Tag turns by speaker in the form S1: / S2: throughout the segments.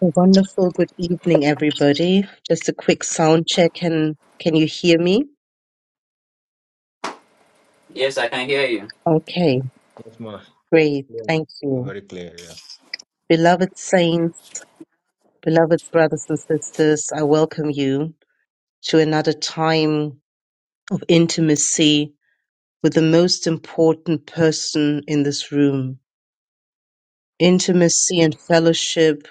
S1: A Wonderful. Good evening, everybody. Just a quick sound check. Can can you hear me?
S2: Yes, I can hear
S1: Okay,
S3: Yes, ma.
S1: great.
S3: Yeah.
S1: Thank you.
S3: Very clear. Yeah.
S1: Beloved saints, beloved brothers and sisters, I welcome you to another time of intimacy with the most important person in this room. Intimacy and fellowship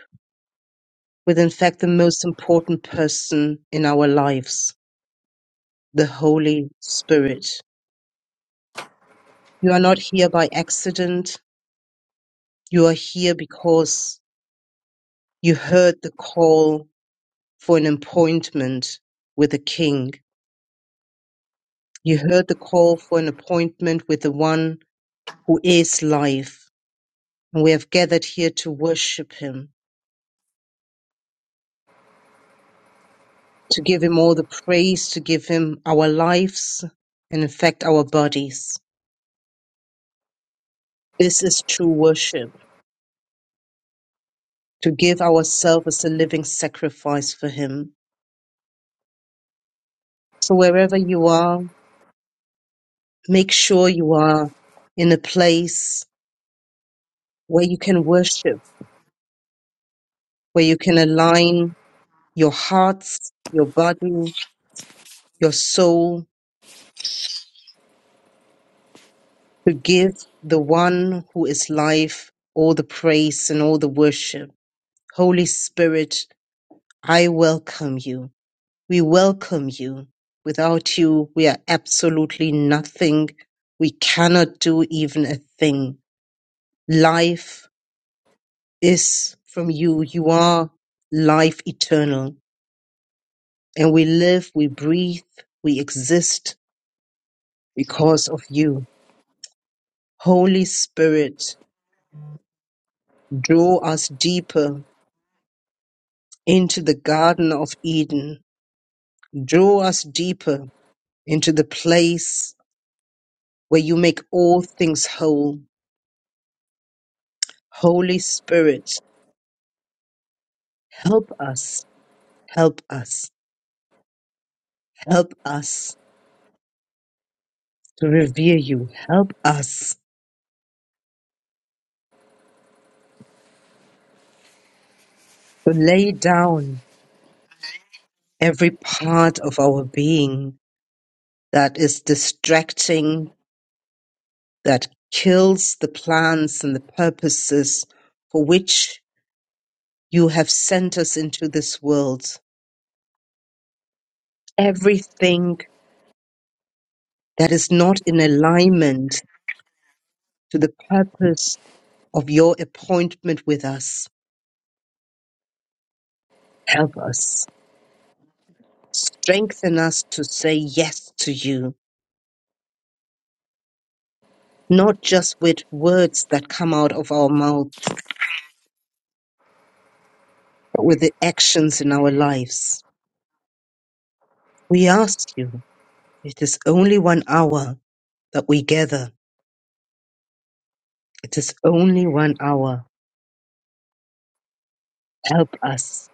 S1: with, in fact, the most important person in our lives, the Holy Spirit. You are not here by accident. You are here because you heard the call for an appointment with the King. You heard the call for an appointment with the one who is life. And we have gathered here to worship him, to give him all the praise, to give him our lives, and in fact, our bodies. This is true worship, to give ourselves as a living sacrifice for him. So wherever you are, make sure you are in a place where you can worship where you can align your hearts, your body, your soul to give the one who is life all the praise and all the worship. Holy Spirit, I welcome you. We welcome you. Without you, we are absolutely nothing. We cannot do even a thing. Life is from you. You are life eternal. And we live, we breathe, we exist because of you. Holy Spirit, draw us deeper into the Garden of Eden. Draw us deeper into the place where you make all things whole. Holy Spirit, help us, help us, help us to revere you. Help us to lay down every part of our being that is distracting, that kills the plans and the purposes for which You have sent us into this world. Everything that is not in alignment to the purpose of your appointment with us, help us. Strengthen us to say yes to you, not just with words that come out of our mouth, but with the actions in our lives. We ask you, it is only one hour that we gather. It is only one hour. Help us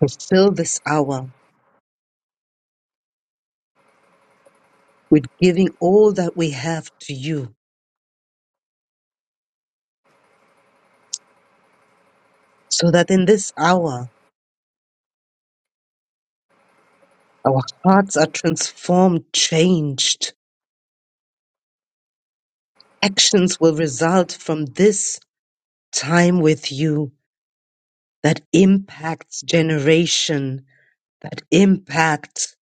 S1: fulfill this hour with giving all that we have to you, so that in this hour our hearts are transformed, changed. Actions will result from this time with you that impacts generation, that impacts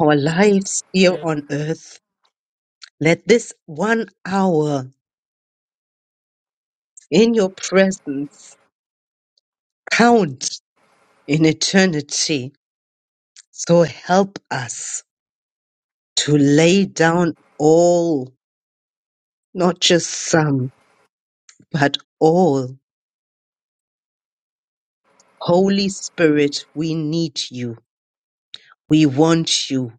S1: our lives here on earth. Let this one hour in your presence count in eternity. So help us to lay down all Not just some, but all. Holy Spirit, we need you. We want you.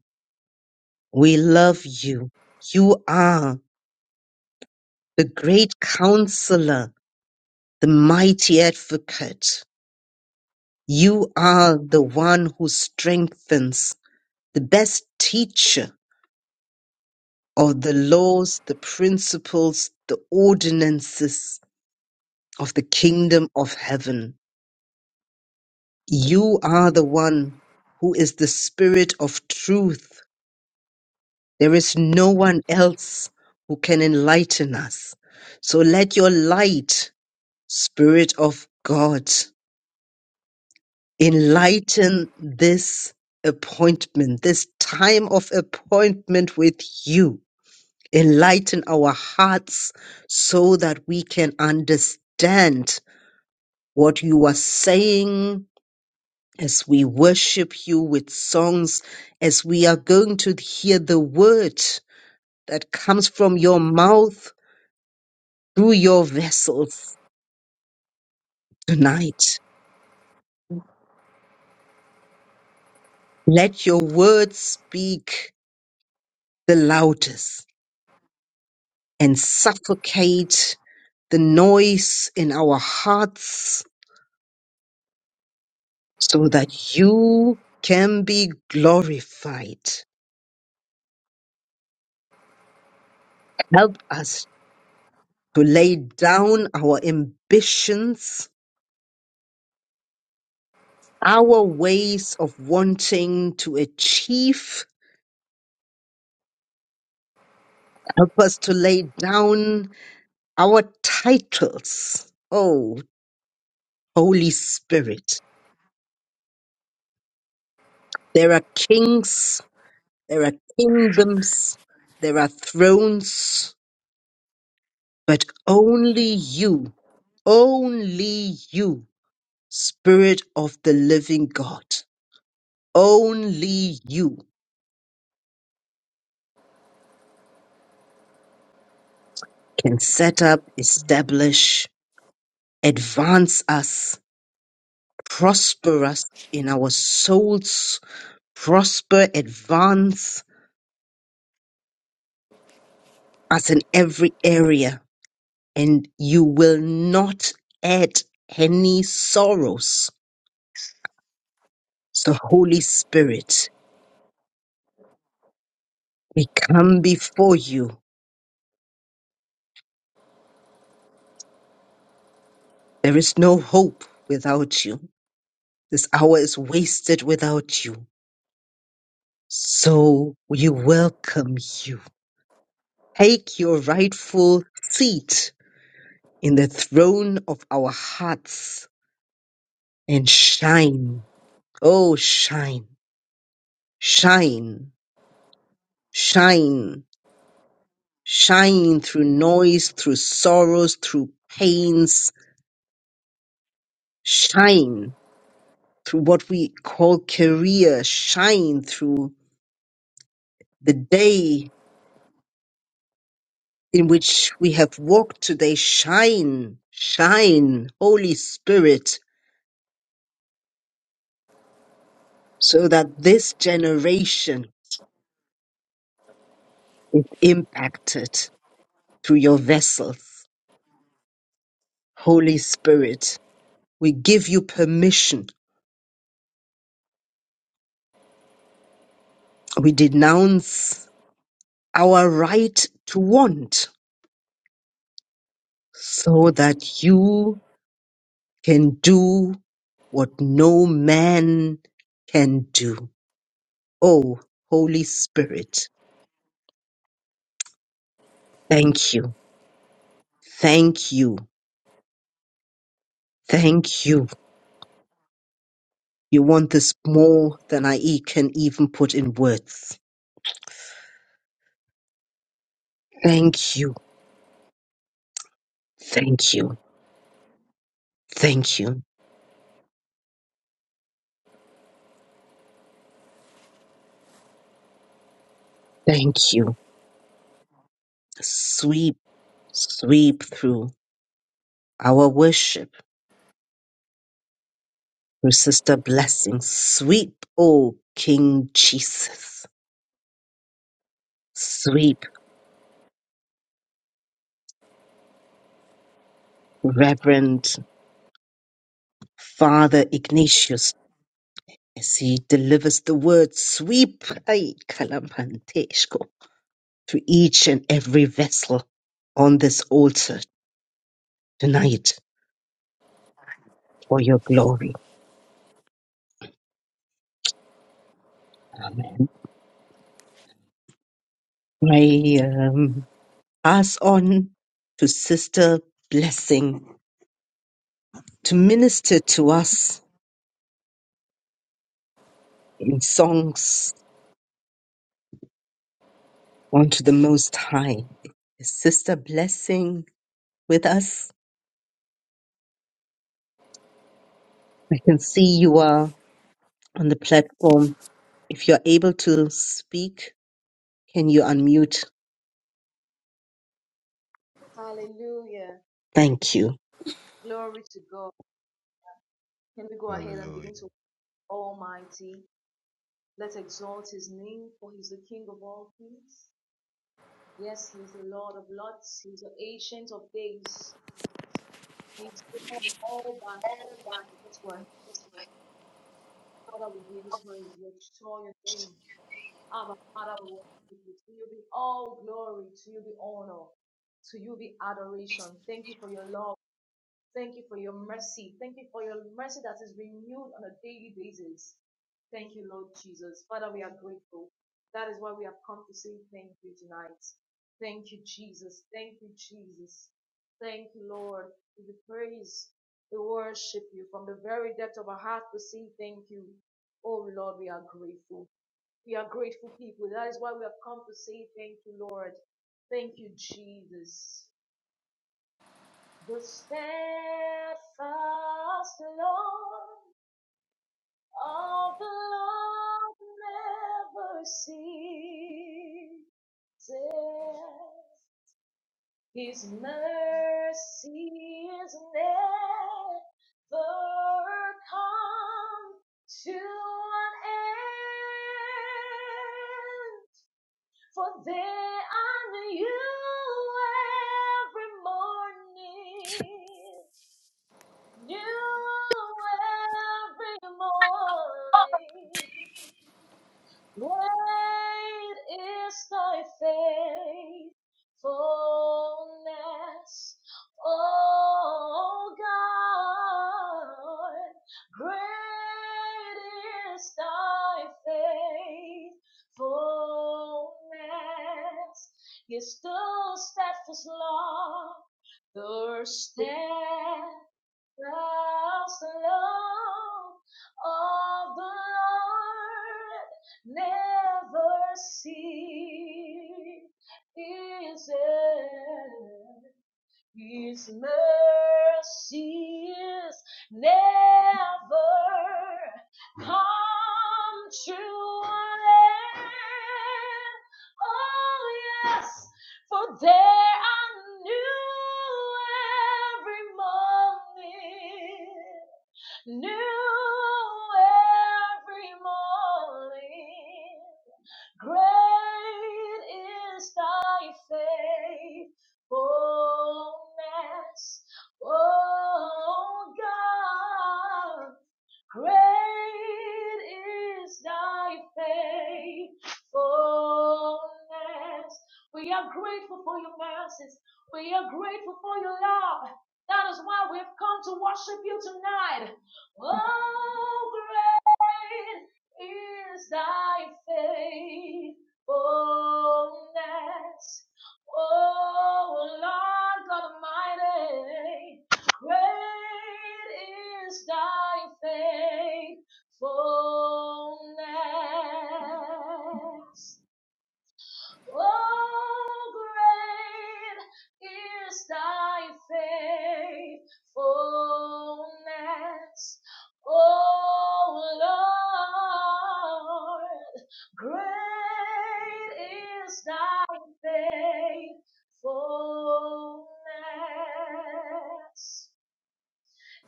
S1: We love you. You are the great counselor, the mighty advocate. You are the one who strengthens, the best teacher of the laws, the principles, the ordinances of the kingdom of heaven. You are the one who is the spirit of truth There is no one else who can enlighten us. So let your light, Spirit of God, enlighten this appointment, this time of appointment with you. Enlighten our hearts so that we can understand what you are saying as we worship you with songs, as we are going to hear the word that comes from your mouth through your vessels tonight. Let your words speak the loudest and suffocate the noise in our hearts so that you can be glorified. Help us to lay down our ambitions, our ways of wanting to achieve. Help us to lay down our titles. Oh, Holy Spirit. There are kings, there are kingdoms, there are thrones, but only you, only you, Spirit of the living God, only you can set up, establish, advance us, prosper us in our souls, prosper, advance us in every area, and you will not add any sorrows So, Holy Spirit, we come before you. There is no hope without you. This hour is wasted without you. So, we welcome you. Take your rightful seat in the throne of our hearts and shine. Oh, shine, shine, shine, shine through noise, through sorrows, through pains. Shine through what we call career, shine through the day in which we have walked today. Shine, shine, Holy Spirit, so that this generation is impacted through your vessels. Holy Spirit, we give you permission. We denounce our right to want so that you can do what no man can do. Oh, Holy Spirit, thank you, thank you, thank you. You want this more than I e- can even put in words. Thank you, thank you, thank you, thank you. Sweep, sweep through our worship through Sister Blessing. Sweep, oh King Jesus. Sweep, Reverend Father Ignatius As he delivers the word sweep ay, kalamanteshko, to each and every vessel on this altar tonight for your glory. Amen. I um, pass on to Sister Blessing to minister to us in songs unto the Most High. Is Sister Blessing with us? I can see you are on the platform. If you're able to speak, can you unmute
S4: Hallelujah.
S1: Thank you.
S4: Glory to God. Can we go ahead and
S3: Hallelujah.
S4: begin to Almighty? Let's exalt his name, for he's the King of all kings. Yes, he's the Lord of lords. He's the ancient of days. He's God all by his word. Father, we give you praise. We extol your name. Abba, Father, we worship you. To you be all glory. To you be honor. To you be adoration. Thank you for your love. Thank you for your mercy. Thank you for your mercy that is renewed on a daily basis. Thank you, Lord Jesus. Father, we are grateful. That is why we have come to say thank you tonight. Thank you, Jesus. Thank you, Jesus. Thank you, Lord. We give you praise. We worship you from the very depth of our heart to say thank you. Oh Lord, we are grateful. We are grateful people. That is why we have come to say thank you, Lord. Thank you, Jesus. The steadfast love of the Lord never ceases. His mercy is never come to an end. For they are new every morning. New every morning, great is thy faithfulness, O God. Great is thy faithfulness, yes, those steadfast love, thirst Thus the love of the Lord never ceases. His mercy is never come true. Oh yes, for there are new every morning, new every morning. Great is thy faithfulness, O God. Great is thy faithfulness. We are grateful for your mercies. We are grateful for your love. That is why we've come to worship you tonight. Oh, great is thy faithfulness. Oh, Lord God Almighty. Great is thy faithfulness. Oh, great is thy faithfulness. Oh, Lord, great is thy faithfulness.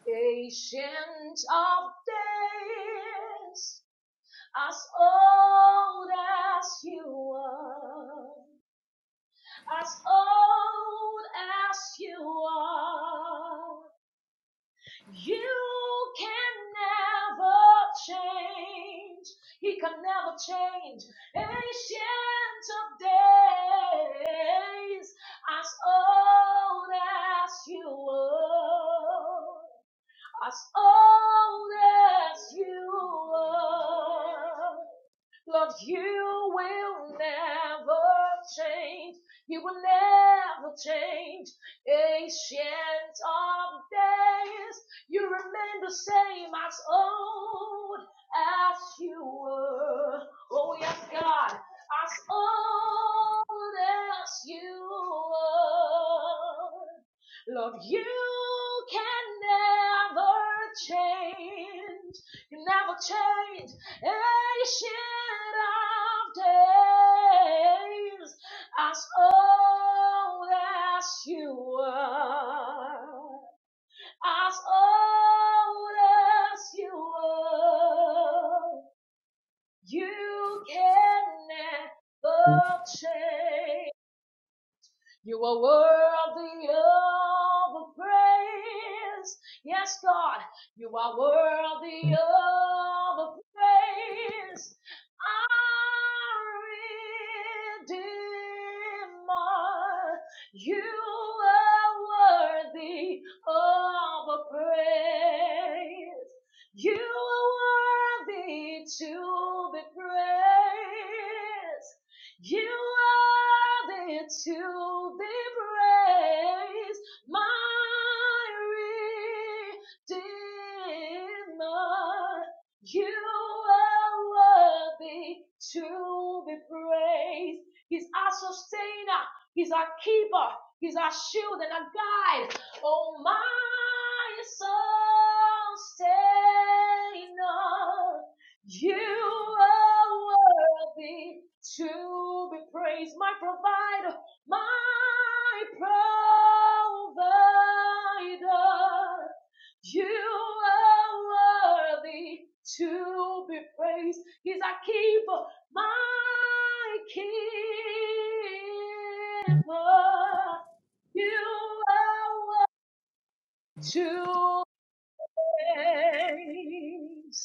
S4: Patient of days, as old as you are, as old as you are, you can never change. He can never change. Patient of days, as old as you are as old as you are. Lord, you will never change. You will never change. Ancient of days, you remain the same as old as you were. Oh, yes, God, as old as you were. Lord, you can never change. You never change. Ancient of days, as old as you are, as old as you are, you can never change. You are worthy of a praise. Yes, God, you are worthy of a praise. Our Redeemer, you are worthy of a praise. You are worthy to be praised. You are there to be praised, my Redeemer. You are worthy to be praised. He's our sustainer, He's our keeper, He's our shield and our guide. Oh, my sustainer. You are worthy to be praised, my provider, my provider. You are worthy to be praised. He's a keeper, my
S2: you.
S4: keeper. You are worthy to praise.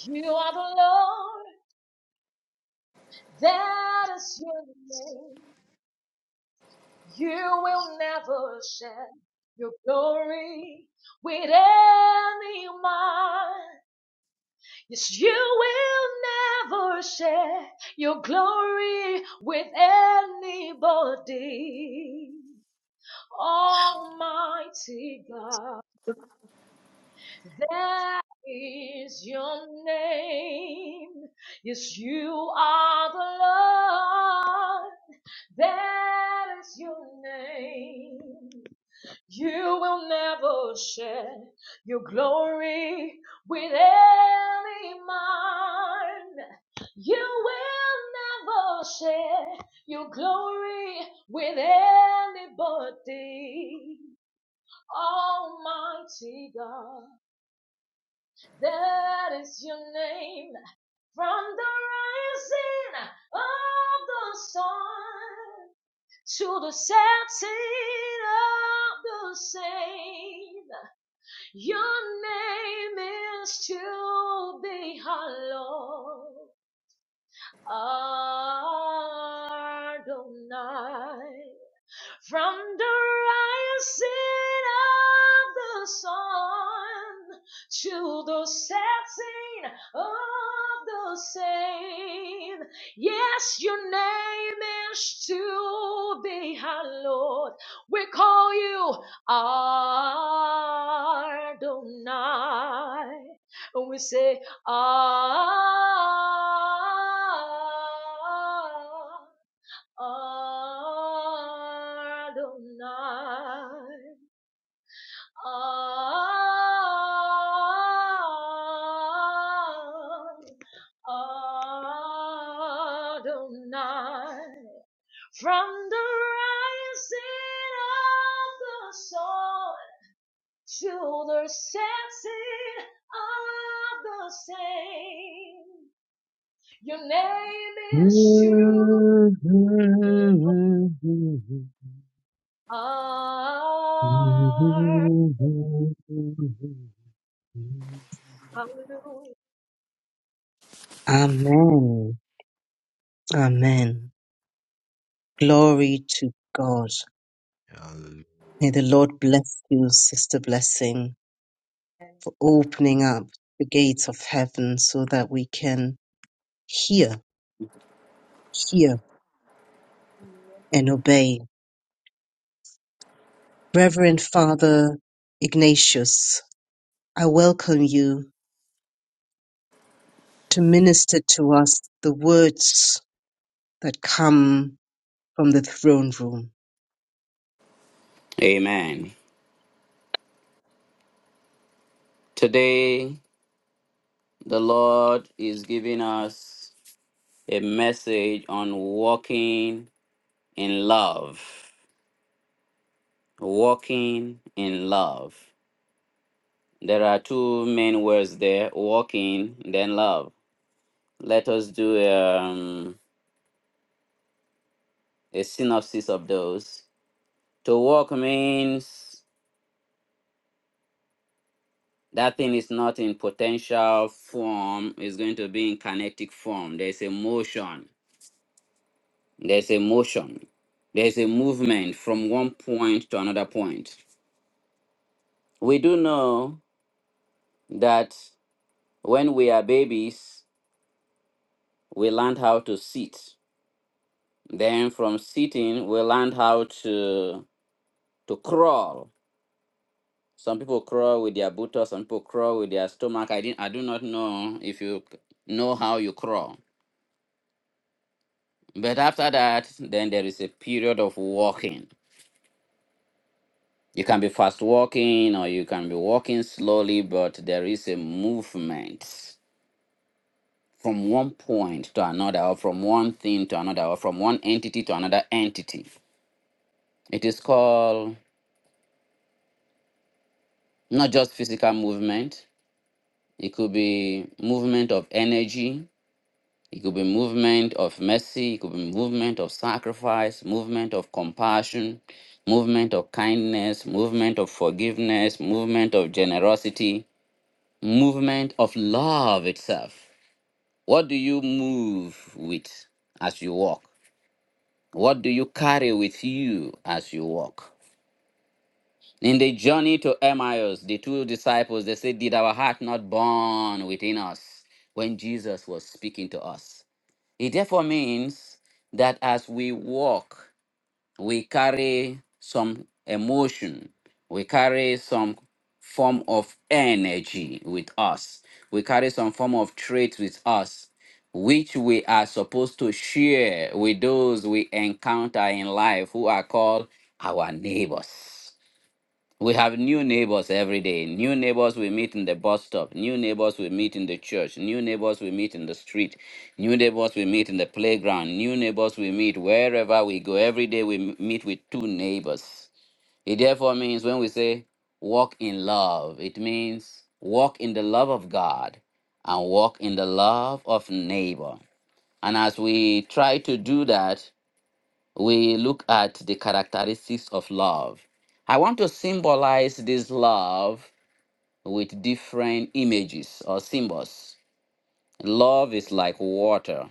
S4: You are the Lord. That is your name. You will never share your glory with anyone. Yes, you will never share your glory with anybody. Almighty God. That is your name. Yes, you are the Lord. That is your name. You will never share your glory with any man. You will never share your glory with anybody. Almighty God. That is your name from the rising of the sun to the setting of the same. Your name is to be hallowed. Adonai from the rising of the sun to the setting of the same. Yes, your name is to be hallowed. We call you Adonai. And we say, Ah. Adonai. Adonai. From the rising of the sun to the setting of the same, your name is true. Ah, hallelujah.
S1: Amen. Amen. Glory to God.
S3: Hallelujah.
S1: May the Lord bless you, Sister Blessing, for opening up the gates of heaven so that we can hear, hear,
S4: Amen.
S1: and obey. Reverend Father Ignatius, I welcome you to minister to us the words. that come from the throne room.
S2: Amen. Today, the Lord is giving us a message on walking in love. Walking in love. There are two main words there walking, then love. Let us do um, a synopsis of those. To walk means that thing is not in potential form, it's going to be in kinetic form. There's a motion There's a motion. There's a movement from one point to another point. We do know that when we are babies, we learn how to sit. Then from sitting, we learn how to to crawl. Some people crawl with their buttocks, some people crawl with their stomach. I didn't I do not know if you know how you crawl. But after that, then there is a period of walking. You can be fast walking or you can be walking slowly, but there is a movement from one point to another, or from one thing to another, or from one entity to another entity. It is called not just physical movement, it could be movement of energy, it could be movement of mercy, it could be movement of sacrifice, movement of compassion, movement of kindness, movement of forgiveness, movement of generosity Movement of love itself. What do you move with as you walk? What do you carry with you as you walk? In the journey to Emmaus, the two disciples, they said, Did our heart not burn within us when Jesus was speaking to us? It therefore means that as we walk, we carry some emotion, we carry some form of energy with us, we carry some form of trait with us, which we are supposed to share with those we encounter in life who are called our neighbors. We have new neighbors every day. New neighbors we meet in the bus stop. New neighbors we meet in the church. New neighbors we meet in the street. New neighbors we meet in the playground. New neighbors we meet wherever we go. Every day we m- meet with two neighbors. It therefore means when we say walk in love, it means walk in the love of God and walk in the love of neighbor. And as we try to do that, we look at the characteristics of love. I want to symbolize this love with different images or symbols. Love is like water.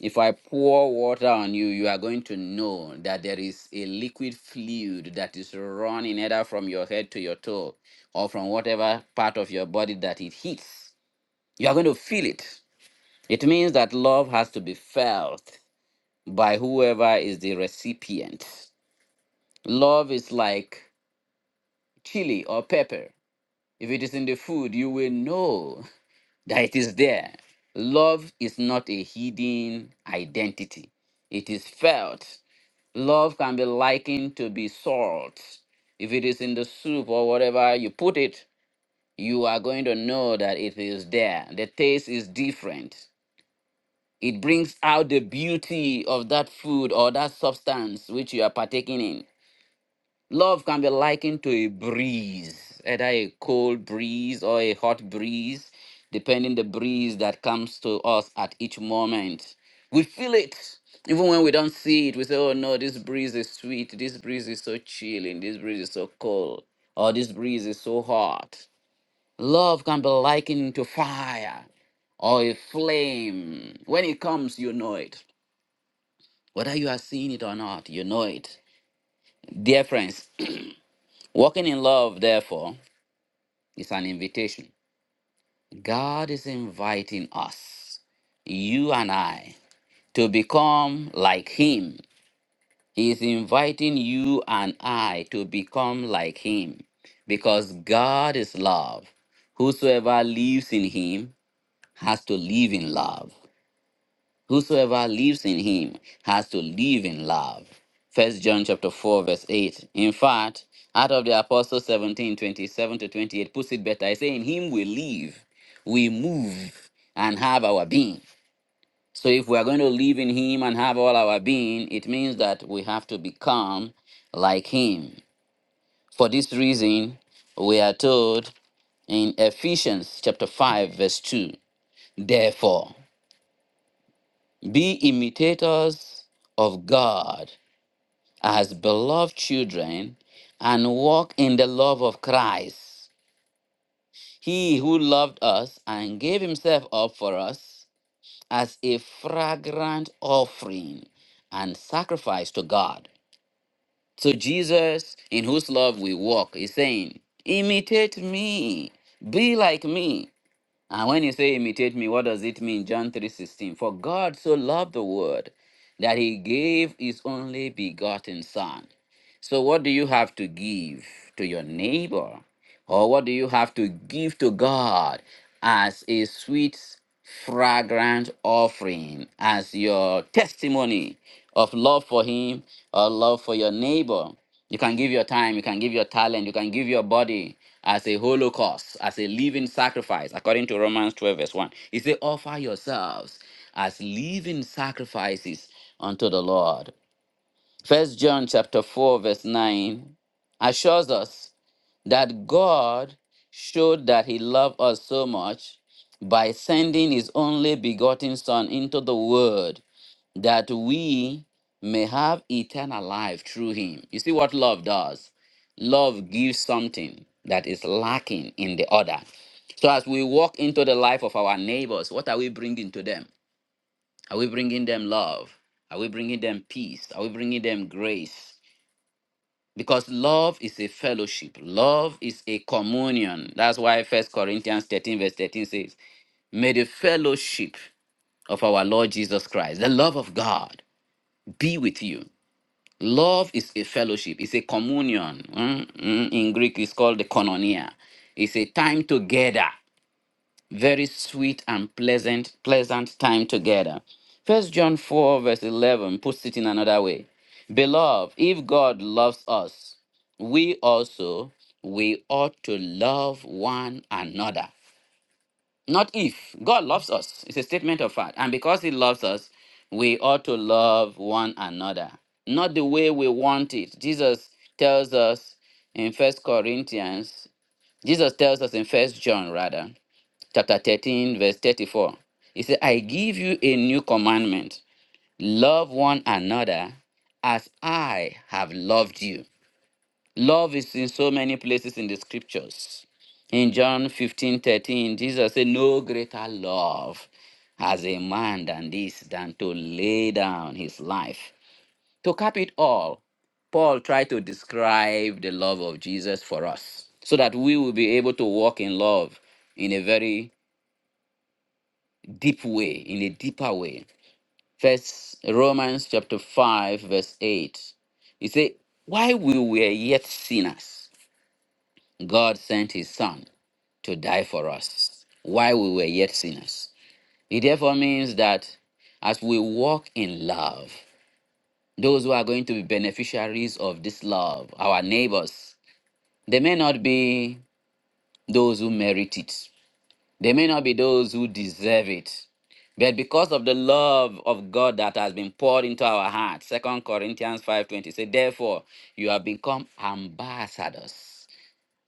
S2: If I pour water on you, you are going to know that there is a liquid fluid that is running either from your head to your toe or from whatever part of your body that it hits. You are going to feel it. It means that love has to be felt by whoever is the recipient. Love is like chili or pepper. If it is in the food, you will know that it is there. Love is not a hidden identity, it is felt. Love can be likened to be salt. If it is in the soup or whatever you put it, you are going to know that it is there. The taste is different. It brings out the beauty of that food or that substance which you are partaking in. Love can be likened to a breeze, either a cold breeze or a hot breeze, depending the breeze that comes to us at each moment. We feel it. Even when we don't see it, we say, oh no, this breeze is sweet, this breeze is so chilling, this breeze is so cold, or this breeze is so hot. Love can be likened to fire or a flame. When it comes, you know it. Whether you are seeing it or not, you know it. Dear friends, walking in love, therefore, It's an invitation. God is inviting us, you and I, to become like Him. He is inviting you and I to become like Him because God is love. Whosoever lives in Him has to live in love. Whosoever lives in him has to live in love. First John chapter 4, verse 8. In fact, out of the Apostles 17 27 to 28 puts it better. I say, In him we live, we move, and have our being. So if we are going to live in him and have all our being, it means that we have to become like him. For this reason, we are told in Ephesians chapter 5, verse 2, Therefore, be imitators of God as beloved children and walk in the love of Christ. He who loved us and gave himself up for us as a fragrant offering and sacrifice to God. So, Jesus, in whose love we walk, is saying, Imitate me, be like me. And when you say imitate me, what does it mean? John 3:16. For God so loved the world that he gave his only begotten son. So what do you have to give to your neighbor? Or what do you have to give to God as a sweet, fragrant offering, as your testimony of love for Him or love for your neighbor? You can give your time, you can give your talent, you can give your body as a holocaust, as a living sacrifice, according to Romans 12, verse 1. He said, Offer yourselves as living sacrifices unto the Lord. First John chapter 4, verse 9 assures us that God showed that he loved us so much by sending his only begotten Son into the world that we may have eternal life through him. You see what love does? Love gives something that is lacking in the other. So as we walk into the life of our neighbors, what are we bringing to them? Are we bringing them love? Are we bringing them peace? Are we bringing them grace? because love is a fellowship love is a communion that's why first corinthians 13 verse 13 says may the fellowship of our lord jesus christ the love of god be with you love is a fellowship it's a communion Mm, mm, in greek it's called the koinonia it's a time together very sweet and pleasant pleasant time together first john 4 verse 11 puts it in another way beloved if god loves us we also we ought to love one another not if god loves us it's a statement of fact and because he loves us we ought to love one another not the way we want it jesus tells us in first corinthians jesus tells us in first john rather chapter 13, verse 34. He said, I give you a new commandment love one another as I have loved you. Love is in so many places in the scriptures. In John 15 13, Jesus said, No greater love has a man than this, than to lay down his life. To cap it all, Paul tried to describe the love of Jesus for us so that we will be able to walk in love in a very deep way, in a deeper way. First Romans chapter 5, verse 8. He said, While we were yet sinners, God sent his son to die for us. While we were yet sinners. It therefore means that as we walk in love, those who are going to be beneficiaries of this love, our neighbors, they may not be those who merit it They may not be those who deserve it, but because of the love of God that has been poured into our hearts, Second Corinthians 5.20 says, Therefore, you have become ambassadors,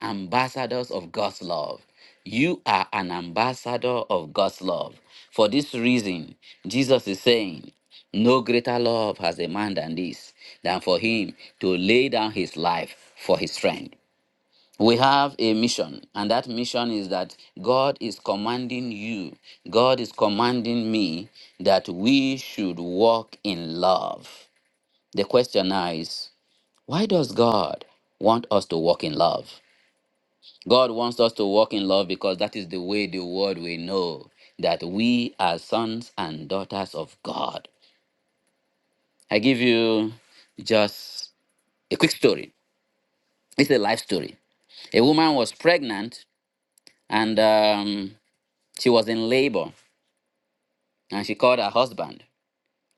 S2: ambassadors of God's love. You are an ambassador of God's love. For this reason, Jesus is saying, No greater love has a man than this, than for him to lay down his life for his friend we have a mission, and that mission is that God is commanding you, God is commanding me that we should walk in love. The question now is why does God want us to walk in love? God wants us to walk in love because that is the way the world will know that we are sons and daughters of God. I give you just a quick story. It's a life story a woman was pregnant and um, She was in labor and she called her husband.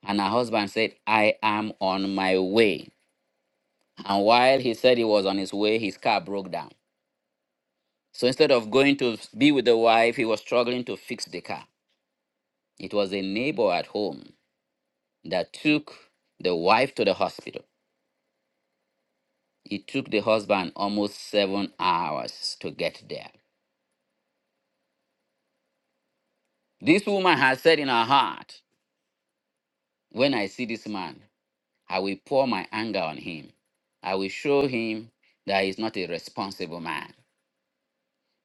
S2: And her husband said, I am on my way. And while he said he was on his way, his car broke down. So instead of going to be with the wife, he was struggling to fix the car. It was a neighbor at home that took the wife to the hospital. It took the husband almost seven hours to get there. This woman has said in her heart, When I see this man, I will pour my anger on him. I will show him that he's not a responsible man.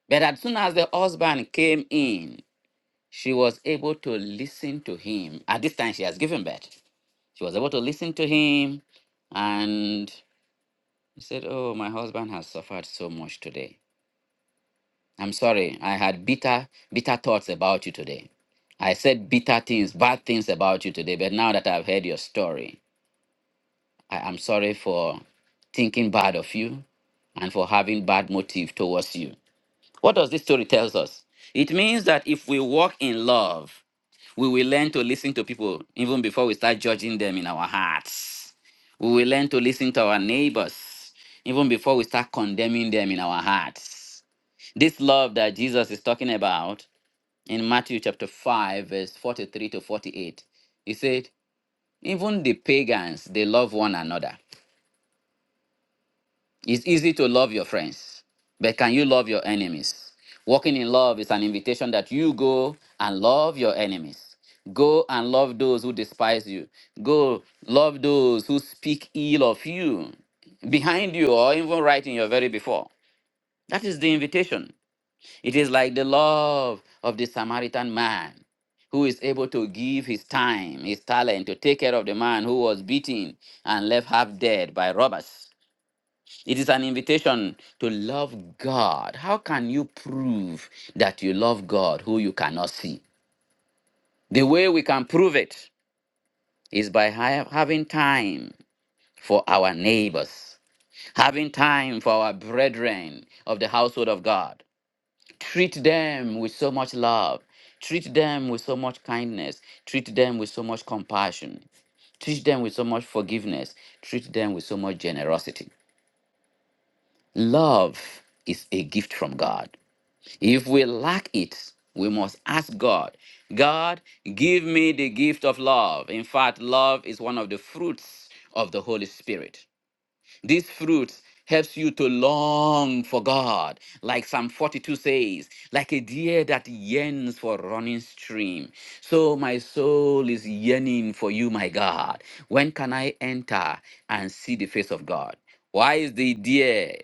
S2: But as soon as the husband came in, she was able to listen to him. At this time, she has given birth. She was able to listen to him and he said, Oh, my husband has suffered so much today. I'm sorry, I had bitter, bitter thoughts about you today. I said bitter things, bad things about you today, but now that I've heard your story, I am sorry for thinking bad of you and for having bad motive towards you. What does this story tells us? It means that if we walk in love, we will learn to listen to people even before we start judging them in our hearts. We will learn to listen to our neighbors even before we start condemning them in our hearts. This love that Jesus is talking about in Matthew chapter 5, verse 43 to 48, he said, Even the pagans, they love one another. It's easy to love your friends, but can you love your enemies? Walking in love is an invitation that you go and love your enemies. Go and love those who despise you. Go love those who speak ill of you behind you or even right in your very before. That is the invitation. It is like the love of the Samaritan man who is able to give his time, his talent to take care of the man who was beaten and left half dead by robbers. It is an invitation to love God. How can you prove that you love God who you cannot see? The way we can prove it is by ha- having time for our neighbors, having time for our brethren of the household of God. Treat them with so much love, treat them with so much kindness, treat them with so much compassion, treat them with so much forgiveness, treat them with so much generosity. Love is a gift from God. If we lack it, we must ask God, God, give me the gift of love. In fact, love is one of the fruits of the Holy Spirit. This fruit helps you to long for God, like Psalm 42 says, like a deer that yearns for running stream. So my soul is yearning for you, my God. When can I enter and see the face of God? Why is the deer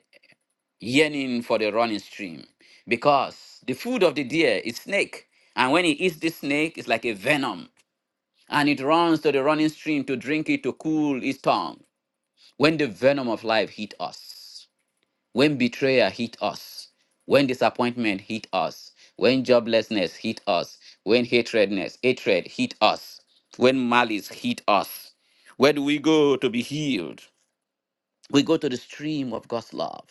S2: yearning for the running stream because the food of the deer is snake and when he eats this snake it's like a venom and it runs to the running stream to drink it to cool its tongue when the venom of life hit us when betrayal hit us when disappointment hit us when joblessness hit us when hatredness hatred hit us when malice hit us where do we go to be healed we go to the stream of god's love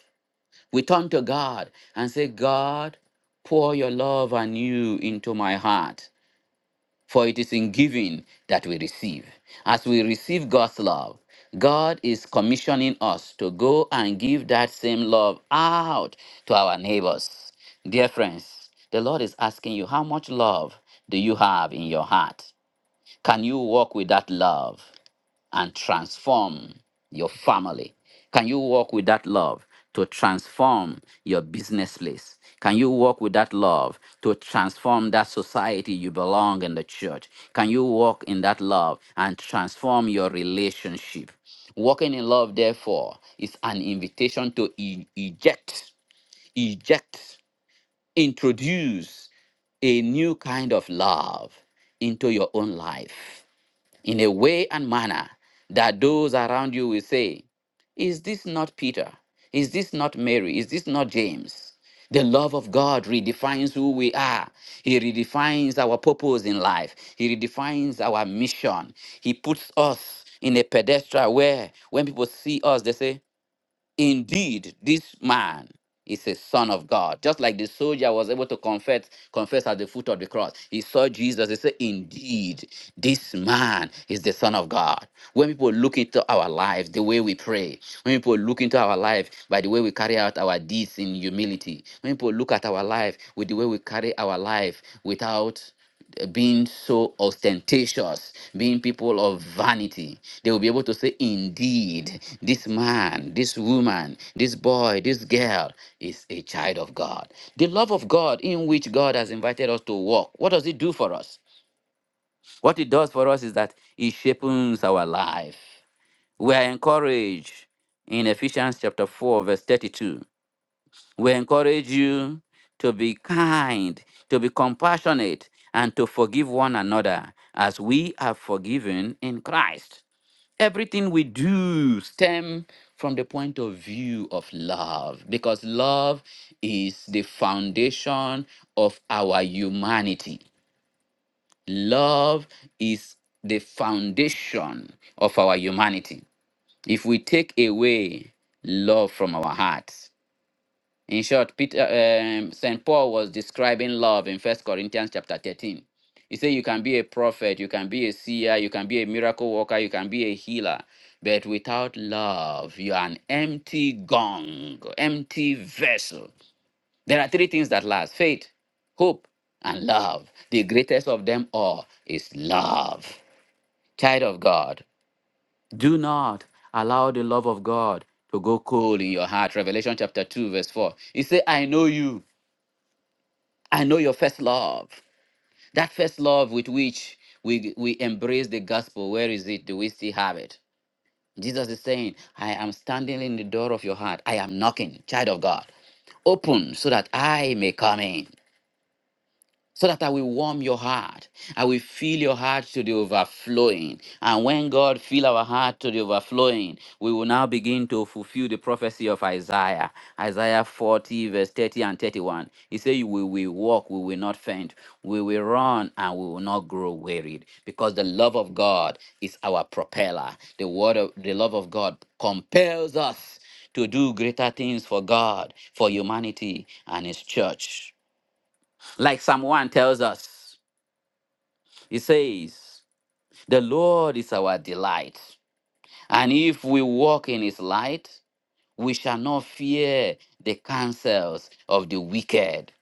S2: we turn to God and say, God, pour your love anew into my heart, for it is in giving that we receive. As we receive God's love, God is commissioning us to go and give that same love out to our neighbors. Dear friends, the Lord is asking you, how much love do you have in your heart? Can you walk with that love? and transform your family? Can you walk with that love to transform your business place? Can you walk with that love to transform that society you belong in the church? Can you walk in that love and transform your relationship? Walking in love, therefore, is an invitation to e- eject, eject, introduce a new kind of love into your own life in a way and manner that those around you will say, Is this not Peter? Is this not Mary? Is this not James? The love of God redefines who we are. He redefines our purpose in life. He redefines our mission. He puts us in a pedestal where when people see us, they say, Indeed, this man is a son of God. Just like the soldier was able to confess, confess at the foot of the cross. He saw Jesus. He said, Indeed, this man is the son of God. When people look into our life, the way we pray, when people look into our life by the way we carry out our deeds in humility, when people look at our life with the way we carry our life without being so ostentatious, being people of vanity. They will be able to say, Indeed, this man, this woman, this boy, this girl is a child of God. The love of God in which God has invited us to walk, what does it do for us? What it does for us is that it shapes our life. We are encouraged in Ephesians chapter 4, verse 32. We encourage you to be kind, to be compassionate, and to forgive one another as we are forgiven in Christ. Everything we do stem from the point of view of love because love is the foundation of our humanity. Love is the foundation of our humanity. If we take away love from our hearts, in short, Peter um, Saint Paul was describing love in First Corinthians chapter 13. He said you can be a prophet, you can be a seer, you can be a miracle worker, you can be a healer, but without love, you are an empty gong, empty vessel. There are three things that last: faith, hope, and love. The greatest of them all is love. Child of God, do not allow the love of God to go cold in your heart. Revelation chapter 2, verse 4. He said, I know you. I know your first love. That first love with which we, we embrace the gospel, where is it? Do we still have it? Jesus is saying, I am standing in the door of your heart. I am knocking, child of God. Open so that I may come in so that I will warm your heart. I will fill your heart to the overflowing. And when God fill our heart to the overflowing, we will now begin to fulfill the prophecy of Isaiah. Isaiah 40, verse 30 and 31. He said, We will walk, we will not faint. We will run and we will not grow wearied. Because the love of God is our propeller. The word of the love of God compels us to do greater things for God, for humanity, and his church. Like Psalm one tells us, he says, The Lord is our delight. And if we walk in his light, we shall not fear the counsels of the wicked.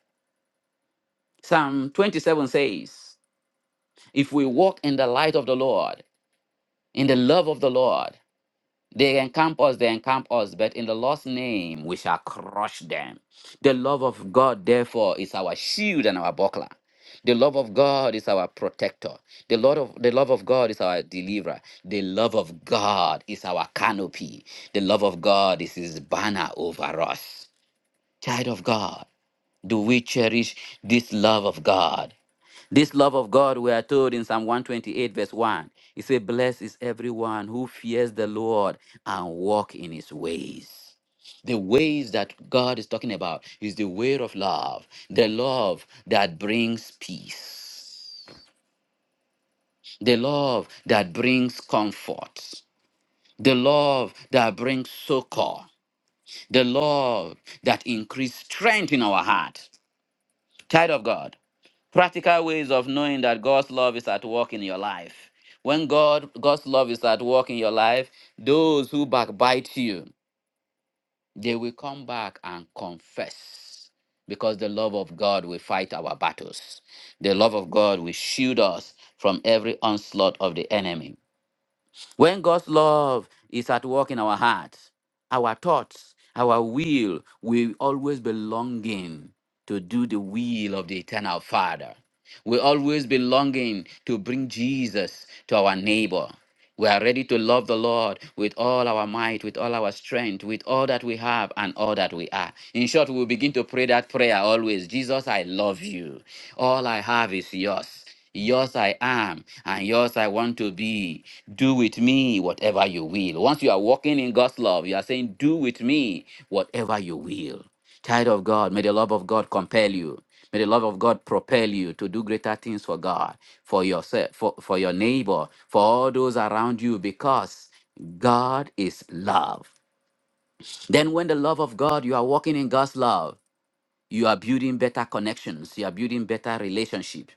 S2: Psalm 27 says, If we walk in the light of the Lord, in the love of the Lord, They encamp us, they encamp us, but in the Lord's name we shall crush them. The love of God, therefore, is our shield and our buckler. The love of God is our protector. The Lord of the love of God is our deliverer. The love of God is our canopy. The love of God is his banner over us. Child of God, do we cherish this love of God? This love of God, we are told in Psalm 128, verse 1. It says, Blessed is everyone who fears the Lord and walk in his ways. The ways that God is talking about is the way of love, the love that brings peace, the love that brings comfort, the love that brings succor, the love that increases strength in our heart. Child of God, practical ways of knowing that God's love is at work in your life. When God God's love is at work in your life, those who backbite you, they will come back and confess. Because the love of God will fight our battles. The love of God will shield us from every onslaught of the enemy. When God's love is at work in our hearts, our thoughts, our will will always be longing to do the will of the eternal Father. We always be longing to bring Jesus to our neighbor. We are ready to love the Lord with all our might, with all our strength, with all that we have and all that we are. In short, we will begin to pray that prayer always Jesus, I love you. All I have is yours. Yours I am, and yours I want to be. Do with me whatever you will. Once you are walking in God's love, you are saying, Do with me whatever you will. Child of God, may the love of God compel you. May the love of God propel you to do greater things for God, for yourself, for, for your neighbor, for all those around you, because God is love. Then, when the love of God, you are walking in God's love you are building better connections you are building better relationship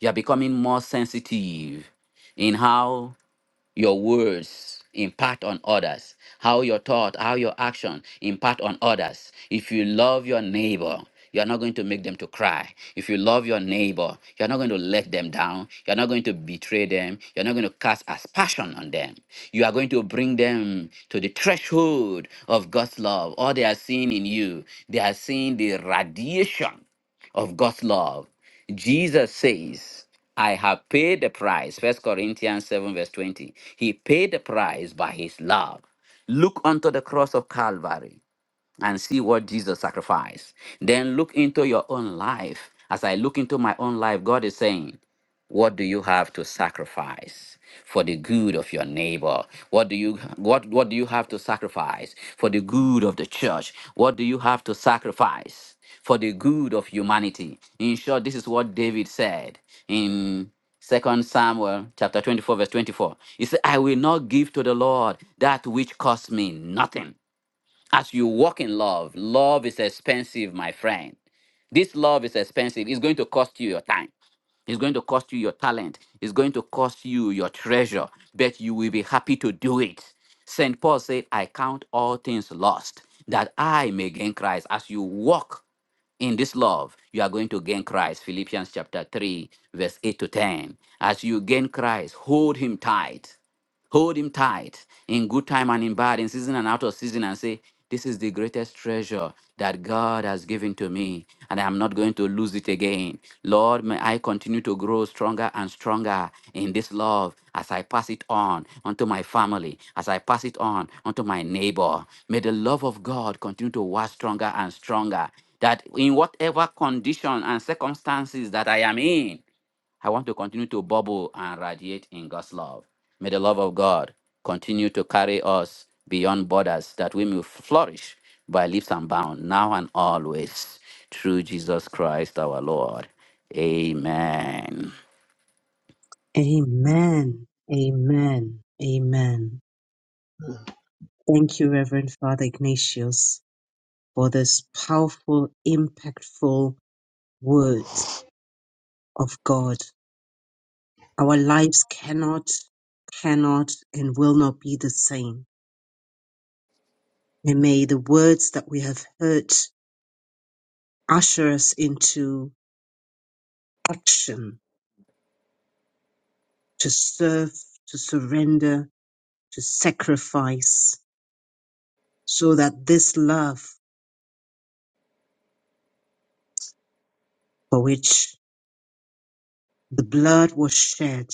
S2: you are becoming more sensitive in how your words impact on others how your thought how your action impact on others if you love your neighbor you are not going to make them to cry if you love your neighbor you are not going to let them down you are not going to betray them you are not going to cast aspersion on them you are going to bring them to the threshold of god's love all they are seeing in you they are seeing the radiation of God's love. Jesus says, I have paid the price. First Corinthians 7, verse 20. He paid the price by his love. Look unto the cross of Calvary and see what Jesus sacrificed. Then look into your own life. As I look into my own life, God is saying, What do you have to sacrifice for the good of your neighbor? What do you what what do you have to sacrifice for the good of the church? What do you have to sacrifice for the good of humanity? In short, this is what David said in Second Samuel chapter 24, verse 24. He said, I will not give to the Lord that which costs me nothing as you walk in love, love is expensive, my friend. This love is expensive. It's going to cost you your time. It's going to cost you your talent. It's going to cost you your treasure, but you will be happy to do it. St. Paul said, I count all things lost that I may gain Christ. As you walk in this love, you are going to gain Christ. Philippians chapter 3, verse 8 to 10. As you gain Christ, hold him tight. Hold him tight in good time and in bad, in season and out of season, and say, This is the greatest treasure that God has given to me, and I'm not going to lose it again. Lord, may I continue to grow stronger and stronger in this love as I pass it on unto my family, as I pass it on unto my neighbor. May the love of God continue to work stronger and stronger, that in whatever condition and circumstances that I am in, I want to continue to bubble and radiate in God's love. May the love of God continue to carry us beyond borders that we may flourish by leaps and bounds now and always through Jesus Christ our Lord. Amen.
S1: Amen. Amen. Amen. Thank you, Reverend Father Ignatius, for this powerful, impactful words of God. Our lives cannot, cannot, and will not be the same. And may the words that we have heard usher us into action to serve, to surrender, to sacrifice, so that this love for which The blood was shed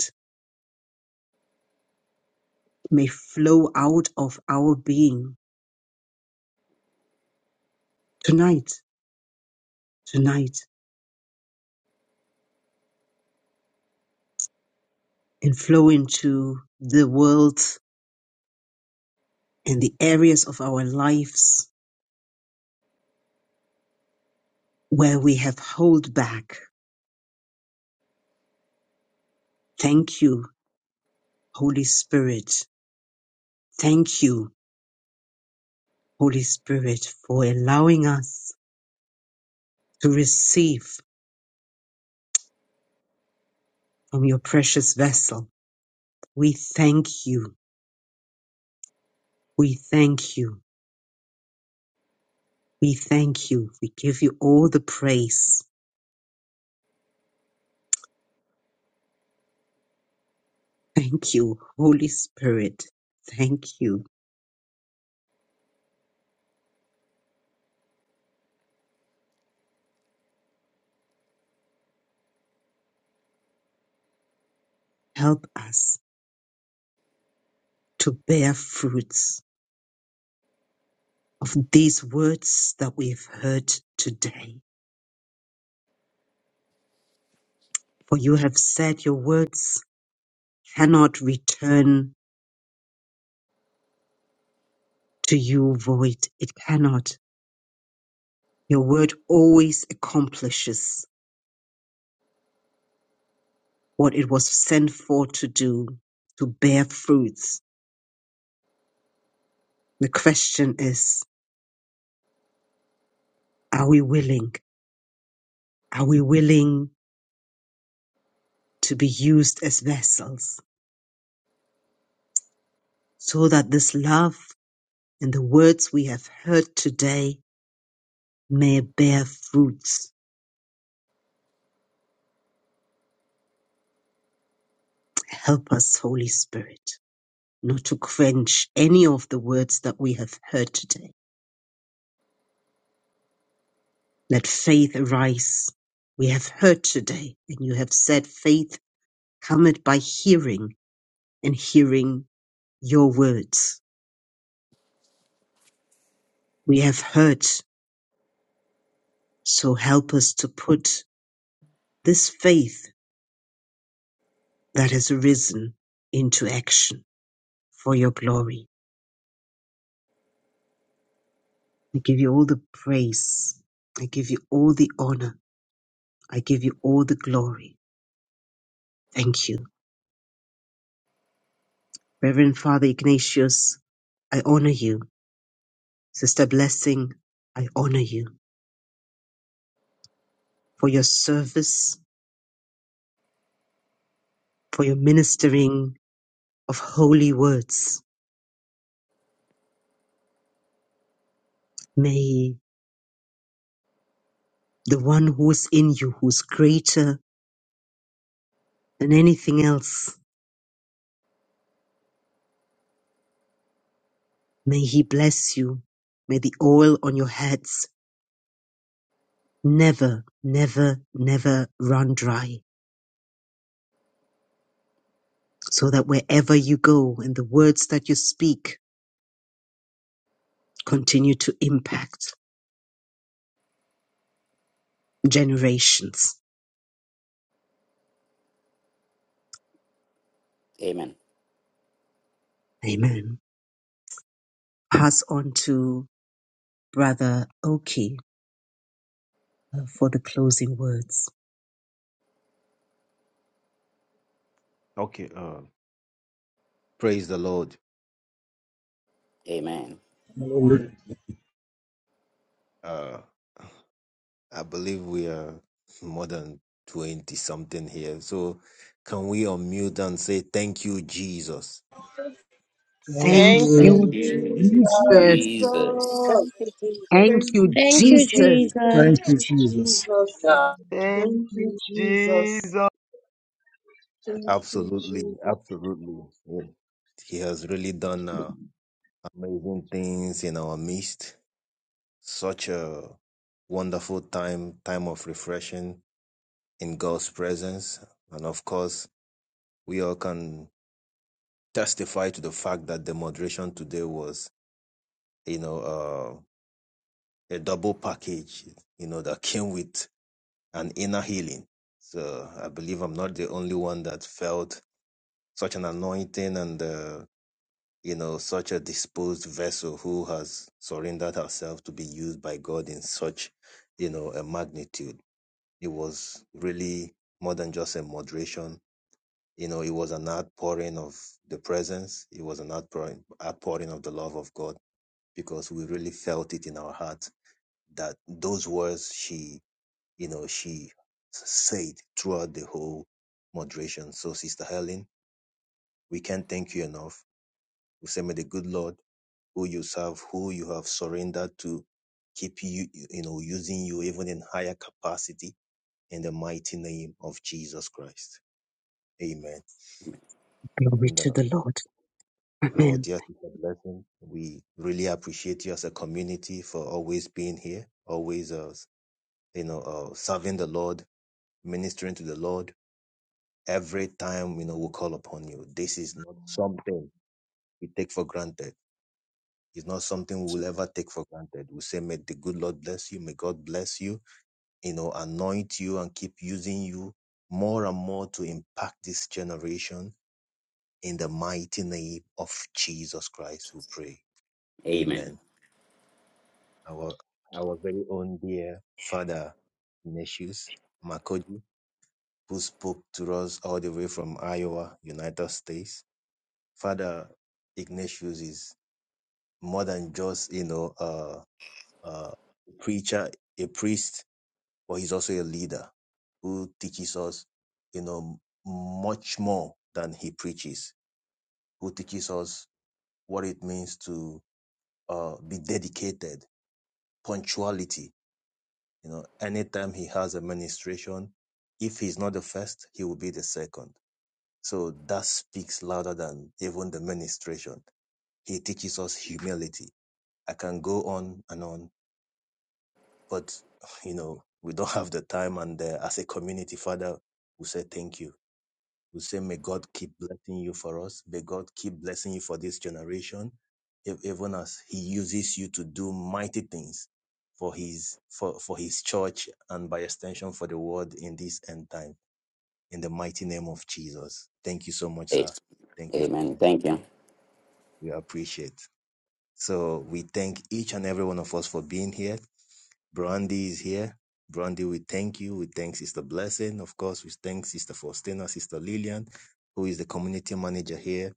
S1: may flow out of our being tonight, tonight, and flow into the world and the areas of our lives where we have hold back. Thank you, Holy Spirit. Thank you, Holy Spirit, for allowing us to receive from your precious vessel. We thank you. We thank you. We thank you. We give you all the praise. Thank you, Holy Spirit. Thank you. Help us to bear fruits of these words that we've heard today. For you have said your words cannot return to you void. It cannot. Your word always accomplishes what it was sent for to do, to bear fruits. The question is, are we willing? Are we willing to be used as vessels so that this love and the words we have heard today may bear fruits. Help us, Holy Spirit, not to quench any of the words that we have heard today. Let faith arise. We have heard today, and you have said faith cometh by hearing, and hearing your words. We have heard, so help us to put this faith that has arisen into action for your glory. I give you all the praise. I give you all the honor. I give you all the glory. Thank you. Reverend Father Ignatius, I honor you. Sister Blessing, I honor you for your service, for your ministering of holy words. May the one who is in you, who is greater than anything else, may he bless you. May the oil on your heads never, never, never run dry so that wherever you go and the words that you speak continue to impact generations.
S2: Amen.
S1: Amen. Pass on to Brother Oki uh, for the closing words.
S3: Okay. Uh, praise the Lord.
S2: Amen.
S5: Glory,
S3: Uh, I believe we are more than 20 something here. So can we unmute and say thank you, Jesus?
S5: glory to
S1: Thank
S6: Thank
S7: Amen.
S2: Thank
S6: you,
S8: Thank
S1: you,
S5: you,
S2: you,
S8: you,
S6: Jesus.
S5: Jesus.
S1: Jesus.
S2: Jesus.
S9: Thank
S8: Jesus.
S9: you, Jesus.
S1: Thank
S8: Thank you,
S1: you,
S10: Thank you,
S8: Jesus.
S1: Jesus.
S10: Jesus.
S8: Thank
S5: Thank you,
S8: you,
S5: Jesus.
S8: Jesus.
S11: Thank
S8: Thank you,
S11: you,
S8: Jesus.
S11: Jesus.
S8: Thank you,
S3: Absolutely.
S8: Jesus.
S3: Absolutely. Yeah. He has really done uh, amazing things in our midst. Such a wonderful time, time of refreshing in God's presence. And of course, we all can testify to the fact that the moderation today was, you know, uh, a double package, you know, that came with an inner healing. So I believe I'm not the only one that felt such an anointing and, uh, you know, such a disposed vessel who has surrendered herself to be used by God in such, you know, a magnitude. It was really more than just a moderation. You know, it was an outpouring of the presence. It was an outpouring, outpouring of the love of God because we really felt it in our heart that those words she, you know, she said throughout the whole moderation. So, Sister Helen, we can't thank you enough. We say, may the good Lord who you serve, who you have surrendered to, keep you, you know, using you even in higher capacity in the mighty name of Jesus Christ. Amen.
S1: Glory
S3: And uh,
S1: to the Lord.
S3: our
S1: Amen.
S3: dear sister blessing, we really appreciate you as a community for always being here, always uh, you know, uh, serving the Lord, ministering to the Lord every time, you know, we call upon you. This is not something we take for granted. It's not something we'll ever take for granted. We say, may the good Lord bless you. May God bless you, you know, anoint you and keep using you more and more to impact this generation in the mighty name of Jesus Christ. We pray.
S2: Amen.
S3: Amen. Our, our very own dear father, Ignatius Makoji. who spoke to us all the way from Iowa, United States. Father Ignatius is more than just, you know, uh, uh, a preacher, a priest, but he's also a leader who teaches us, you know, much more than he preaches, who teaches us what it means to uh, be dedicated, punctuality. You know, anytime he has a ministration, if he's not the first, he will be the second So that speaks louder than even the ministration. He teaches us humility. I can go on and on, but you know, we don't have the time. And uh, as a community, Father, we say thank you. We say, may God keep blessing you for us. May God keep blessing you for this generation, ev- even as He uses you to do mighty things for His for for His church and by extension for the world in this end time. In the mighty name of Jesus, thank you so much,
S2: A-
S3: sir. Thank you.
S2: Amen. Thank you.
S3: We appreciate. So we thank each and every one of us for being here. Brandy is here. Brandy, we thank you. We thank Sister Blessing. Of course, we thank Sister Faustina, Sister Lillian, who is the community manager here.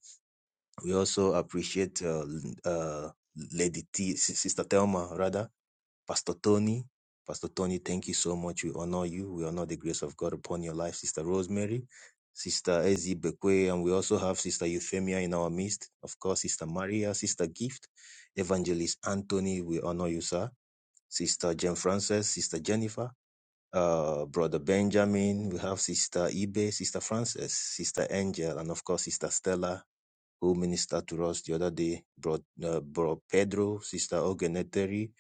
S3: We also appreciate uh, uh, Lady T, Sister Thelma, rather. Pastor Tony. Pastor Tony, thank you so much. We honor you. We honor the grace of God upon your life, Sister Rosemary, Sister Ezi Bekwe, and we also have Sister Euphemia in our midst. Of course, Sister Maria, Sister Gift, Evangelist Anthony, we honor you, sir. Sister Jane Frances, Sister Jennifer, uh, Brother Benjamin, we have Sister Ibe, Sister Frances, Sister Angel, and of course, Sister Stella who ministered to us the other day, brought, uh, brought Pedro, Sister Ogeneteri,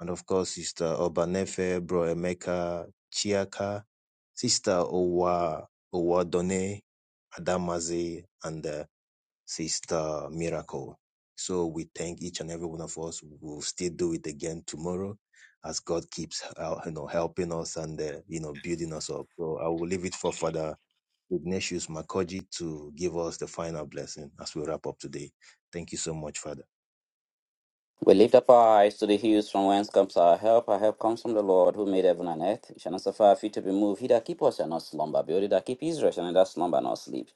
S3: and of course, Sister Obanefe, Bro Emeka, Chiaka, Sister Owa, Owadone, Adamaze, and uh, Sister Miracle. So we thank each and every one of us. We'll still do it again tomorrow as God keeps, uh, you know, helping us and, uh, you know, building us up. So I will leave it for Father Ignatius Makoji to give us the final blessing as we wrap up today. Thank you so much, Father.
S2: We lift up our eyes to the hills from whence comes our help. Our help comes from the Lord who made heaven and earth. He shall not suffer our feet to be moved. He that keep us shall not slumber. Behold, he that keep Israel shall neither slumber nor sleep.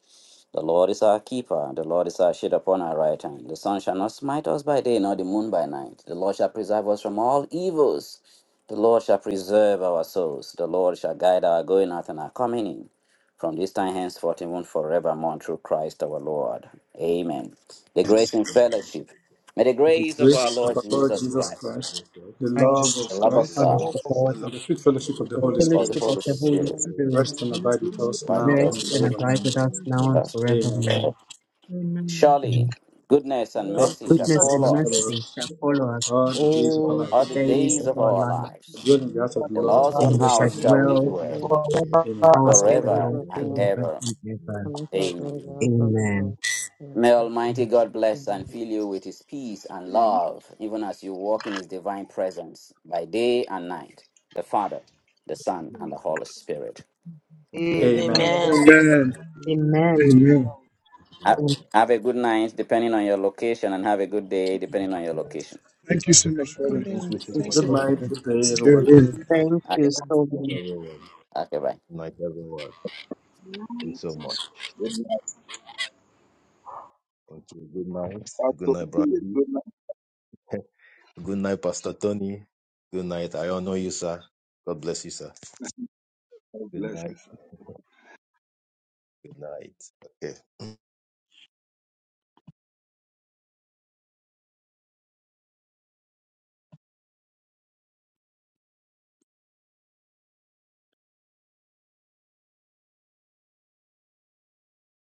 S2: The Lord is our keeper. The Lord is our shade upon our right hand. The sun shall not smite us by day, nor the moon by night. The Lord shall preserve us from all evils. The Lord shall preserve our souls. The Lord shall guide our going out and our coming in. From this time henceforth, even forevermore, through Christ our Lord. Amen. The grace and
S3: Amen.
S2: fellowship May the
S12: May the
S2: grace of our
S12: grace
S3: We
S12: of
S2: Lord
S12: our
S3: thank
S12: Lord
S3: the
S2: Jesus
S12: Jesus
S3: Lord
S2: Christ,
S12: Christ,
S3: Jesus Christ,
S12: the love
S1: Christ,
S2: the
S12: of
S13: Jesus
S3: the
S2: love
S3: Lord
S12: God,
S2: of
S3: of
S13: Christ,
S1: Son
S2: God,
S1: of
S3: God,
S8: Praise
S11: Lord,
S1: the
S11: for the
S8: the
S1: God,
S13: the Lord.
S12: and the
S8: Lord,
S12: sweet
S8: love
S12: fellowship of
S8: of
S12: the
S1: the
S8: God,
S12: Holy
S11: fellowship
S13: is
S2: of the
S12: Spirit
S1: fellowship
S11: of
S1: of
S2: Holy
S3: the
S1: the
S11: the
S9: Thank
S1: Holy
S3: Holy
S2: Spirit,
S9: you,
S8: the
S3: Spirit,
S9: Lord,
S8: fellowship
S1: Spirit,
S9: for
S12: rest
S8: the
S12: and
S8: Holy
S9: the
S12: abide with
S11: Spirit,
S8: Spirit,
S12: us
S8: the
S2: find with
S12: now
S1: rest
S8: divine
S11: for
S2: us
S12: and
S1: and
S8: goodness,
S12: forevermore.
S1: abide
S8: and
S3: the
S1: with
S3: Lord
S1: us
S3: of God.
S1: now
S9: word.
S1: and
S11: the
S8: forevermore.
S12: Amen.
S1: forevermore.
S2: now.
S8: Amen.
S1: Amen.
S2: Surely, goodness and
S11: Lord,
S12: God's
S2: mercy
S11: we
S2: shall
S12: goodness,
S1: Goodness
S11: thank
S12: mercy,
S1: and
S3: Thank
S2: follow
S12: and
S3: you
S2: us
S12: follow
S1: mercy
S3: for
S1: shall
S12: us
S11: you
S3: coming
S11: for
S1: follow us
S12: all the
S8: Amen.
S12: days of
S8: Amen.
S12: our
S11: all
S1: all
S2: all
S1: the
S12: lives.
S2: the
S8: Thank you,
S3: into
S1: days
S3: our
S2: days
S1: of
S8: Lord,
S2: of
S8: for
S1: our
S3: life.
S2: our
S8: the
S1: life,
S8: gift
S12: We
S8: of
S2: lives.
S12: Dwell
S8: your
S12: in the
S11: things
S12: heart
S11: that
S12: of
S2: And
S12: the
S2: the
S11: we
S12: Lord
S9: So
S2: Lord's
S8: life,
S2: own
S11: have
S1: and
S9: good,
S1: we
S12: forever
S1: shall
S9: so
S2: house
S12: and
S3: We
S14: ever
S2: shall
S3: give
S9: good,
S2: we
S1: dwell in
S9: so
S3: you
S14: know.
S2: dwell
S8: and
S3: thanks
S9: good.
S3: for your
S11: forever
S12: ever. Amen.
S1: the house
S11: and
S9: God,
S1: of
S9: we
S8: the
S9: give
S1: the
S11: ever.
S8: gift of your
S2: forever
S1: Lord
S9: you
S3: presence.
S2: and
S9: glory.
S1: forever
S2: ever.
S1: and
S3: Amen.
S1: ever.
S9: Come into our glory,
S2: Amen.
S9: Lord, for Lord.
S1: Amen.
S9: Thank
S2: May Almighty God
S9: you,
S2: bless and
S9: Jesus.
S2: fill you with His peace and
S13: Amen.
S2: love, even as you walk in His divine presence by day and night. The Father, the Son, and
S13: Good
S2: the Holy Spirit.
S8: life.
S2: Amen.
S12: Amen.
S13: night,
S9: Amen.
S6: Amen.
S5: Amen.
S3: Amen.
S11: Amen.
S1: Amen.
S5: Amen.
S2: Ha-
S1: And
S3: Amen.
S2: Have a good night, depending on your location, and have a good day, depending on your location.
S5: Thank you so much,
S11: Thank
S5: Father.
S3: Thank
S15: Amen.
S3: you so
S5: Thank you
S15: Thank
S3: much,
S5: so
S15: you,
S12: Good
S5: much,
S3: Father.
S12: night,
S5: Father.
S12: good day,
S5: Thank
S12: everyone.
S5: you.
S11: you.
S1: thank
S2: Okay.
S1: you so
S3: Night,
S1: much.
S3: everyone.
S2: Okay, bye.
S3: Good night, everyone. Thank you so much. Thank thank you. Good night. Good
S13: Pastor.
S3: night, Brandy.
S13: Good night.
S3: Good night, Pastor Tony. Good night. I honor you, sir. God bless you, sir.
S13: God
S3: Good
S13: bless you.
S3: night. Good night. Okay.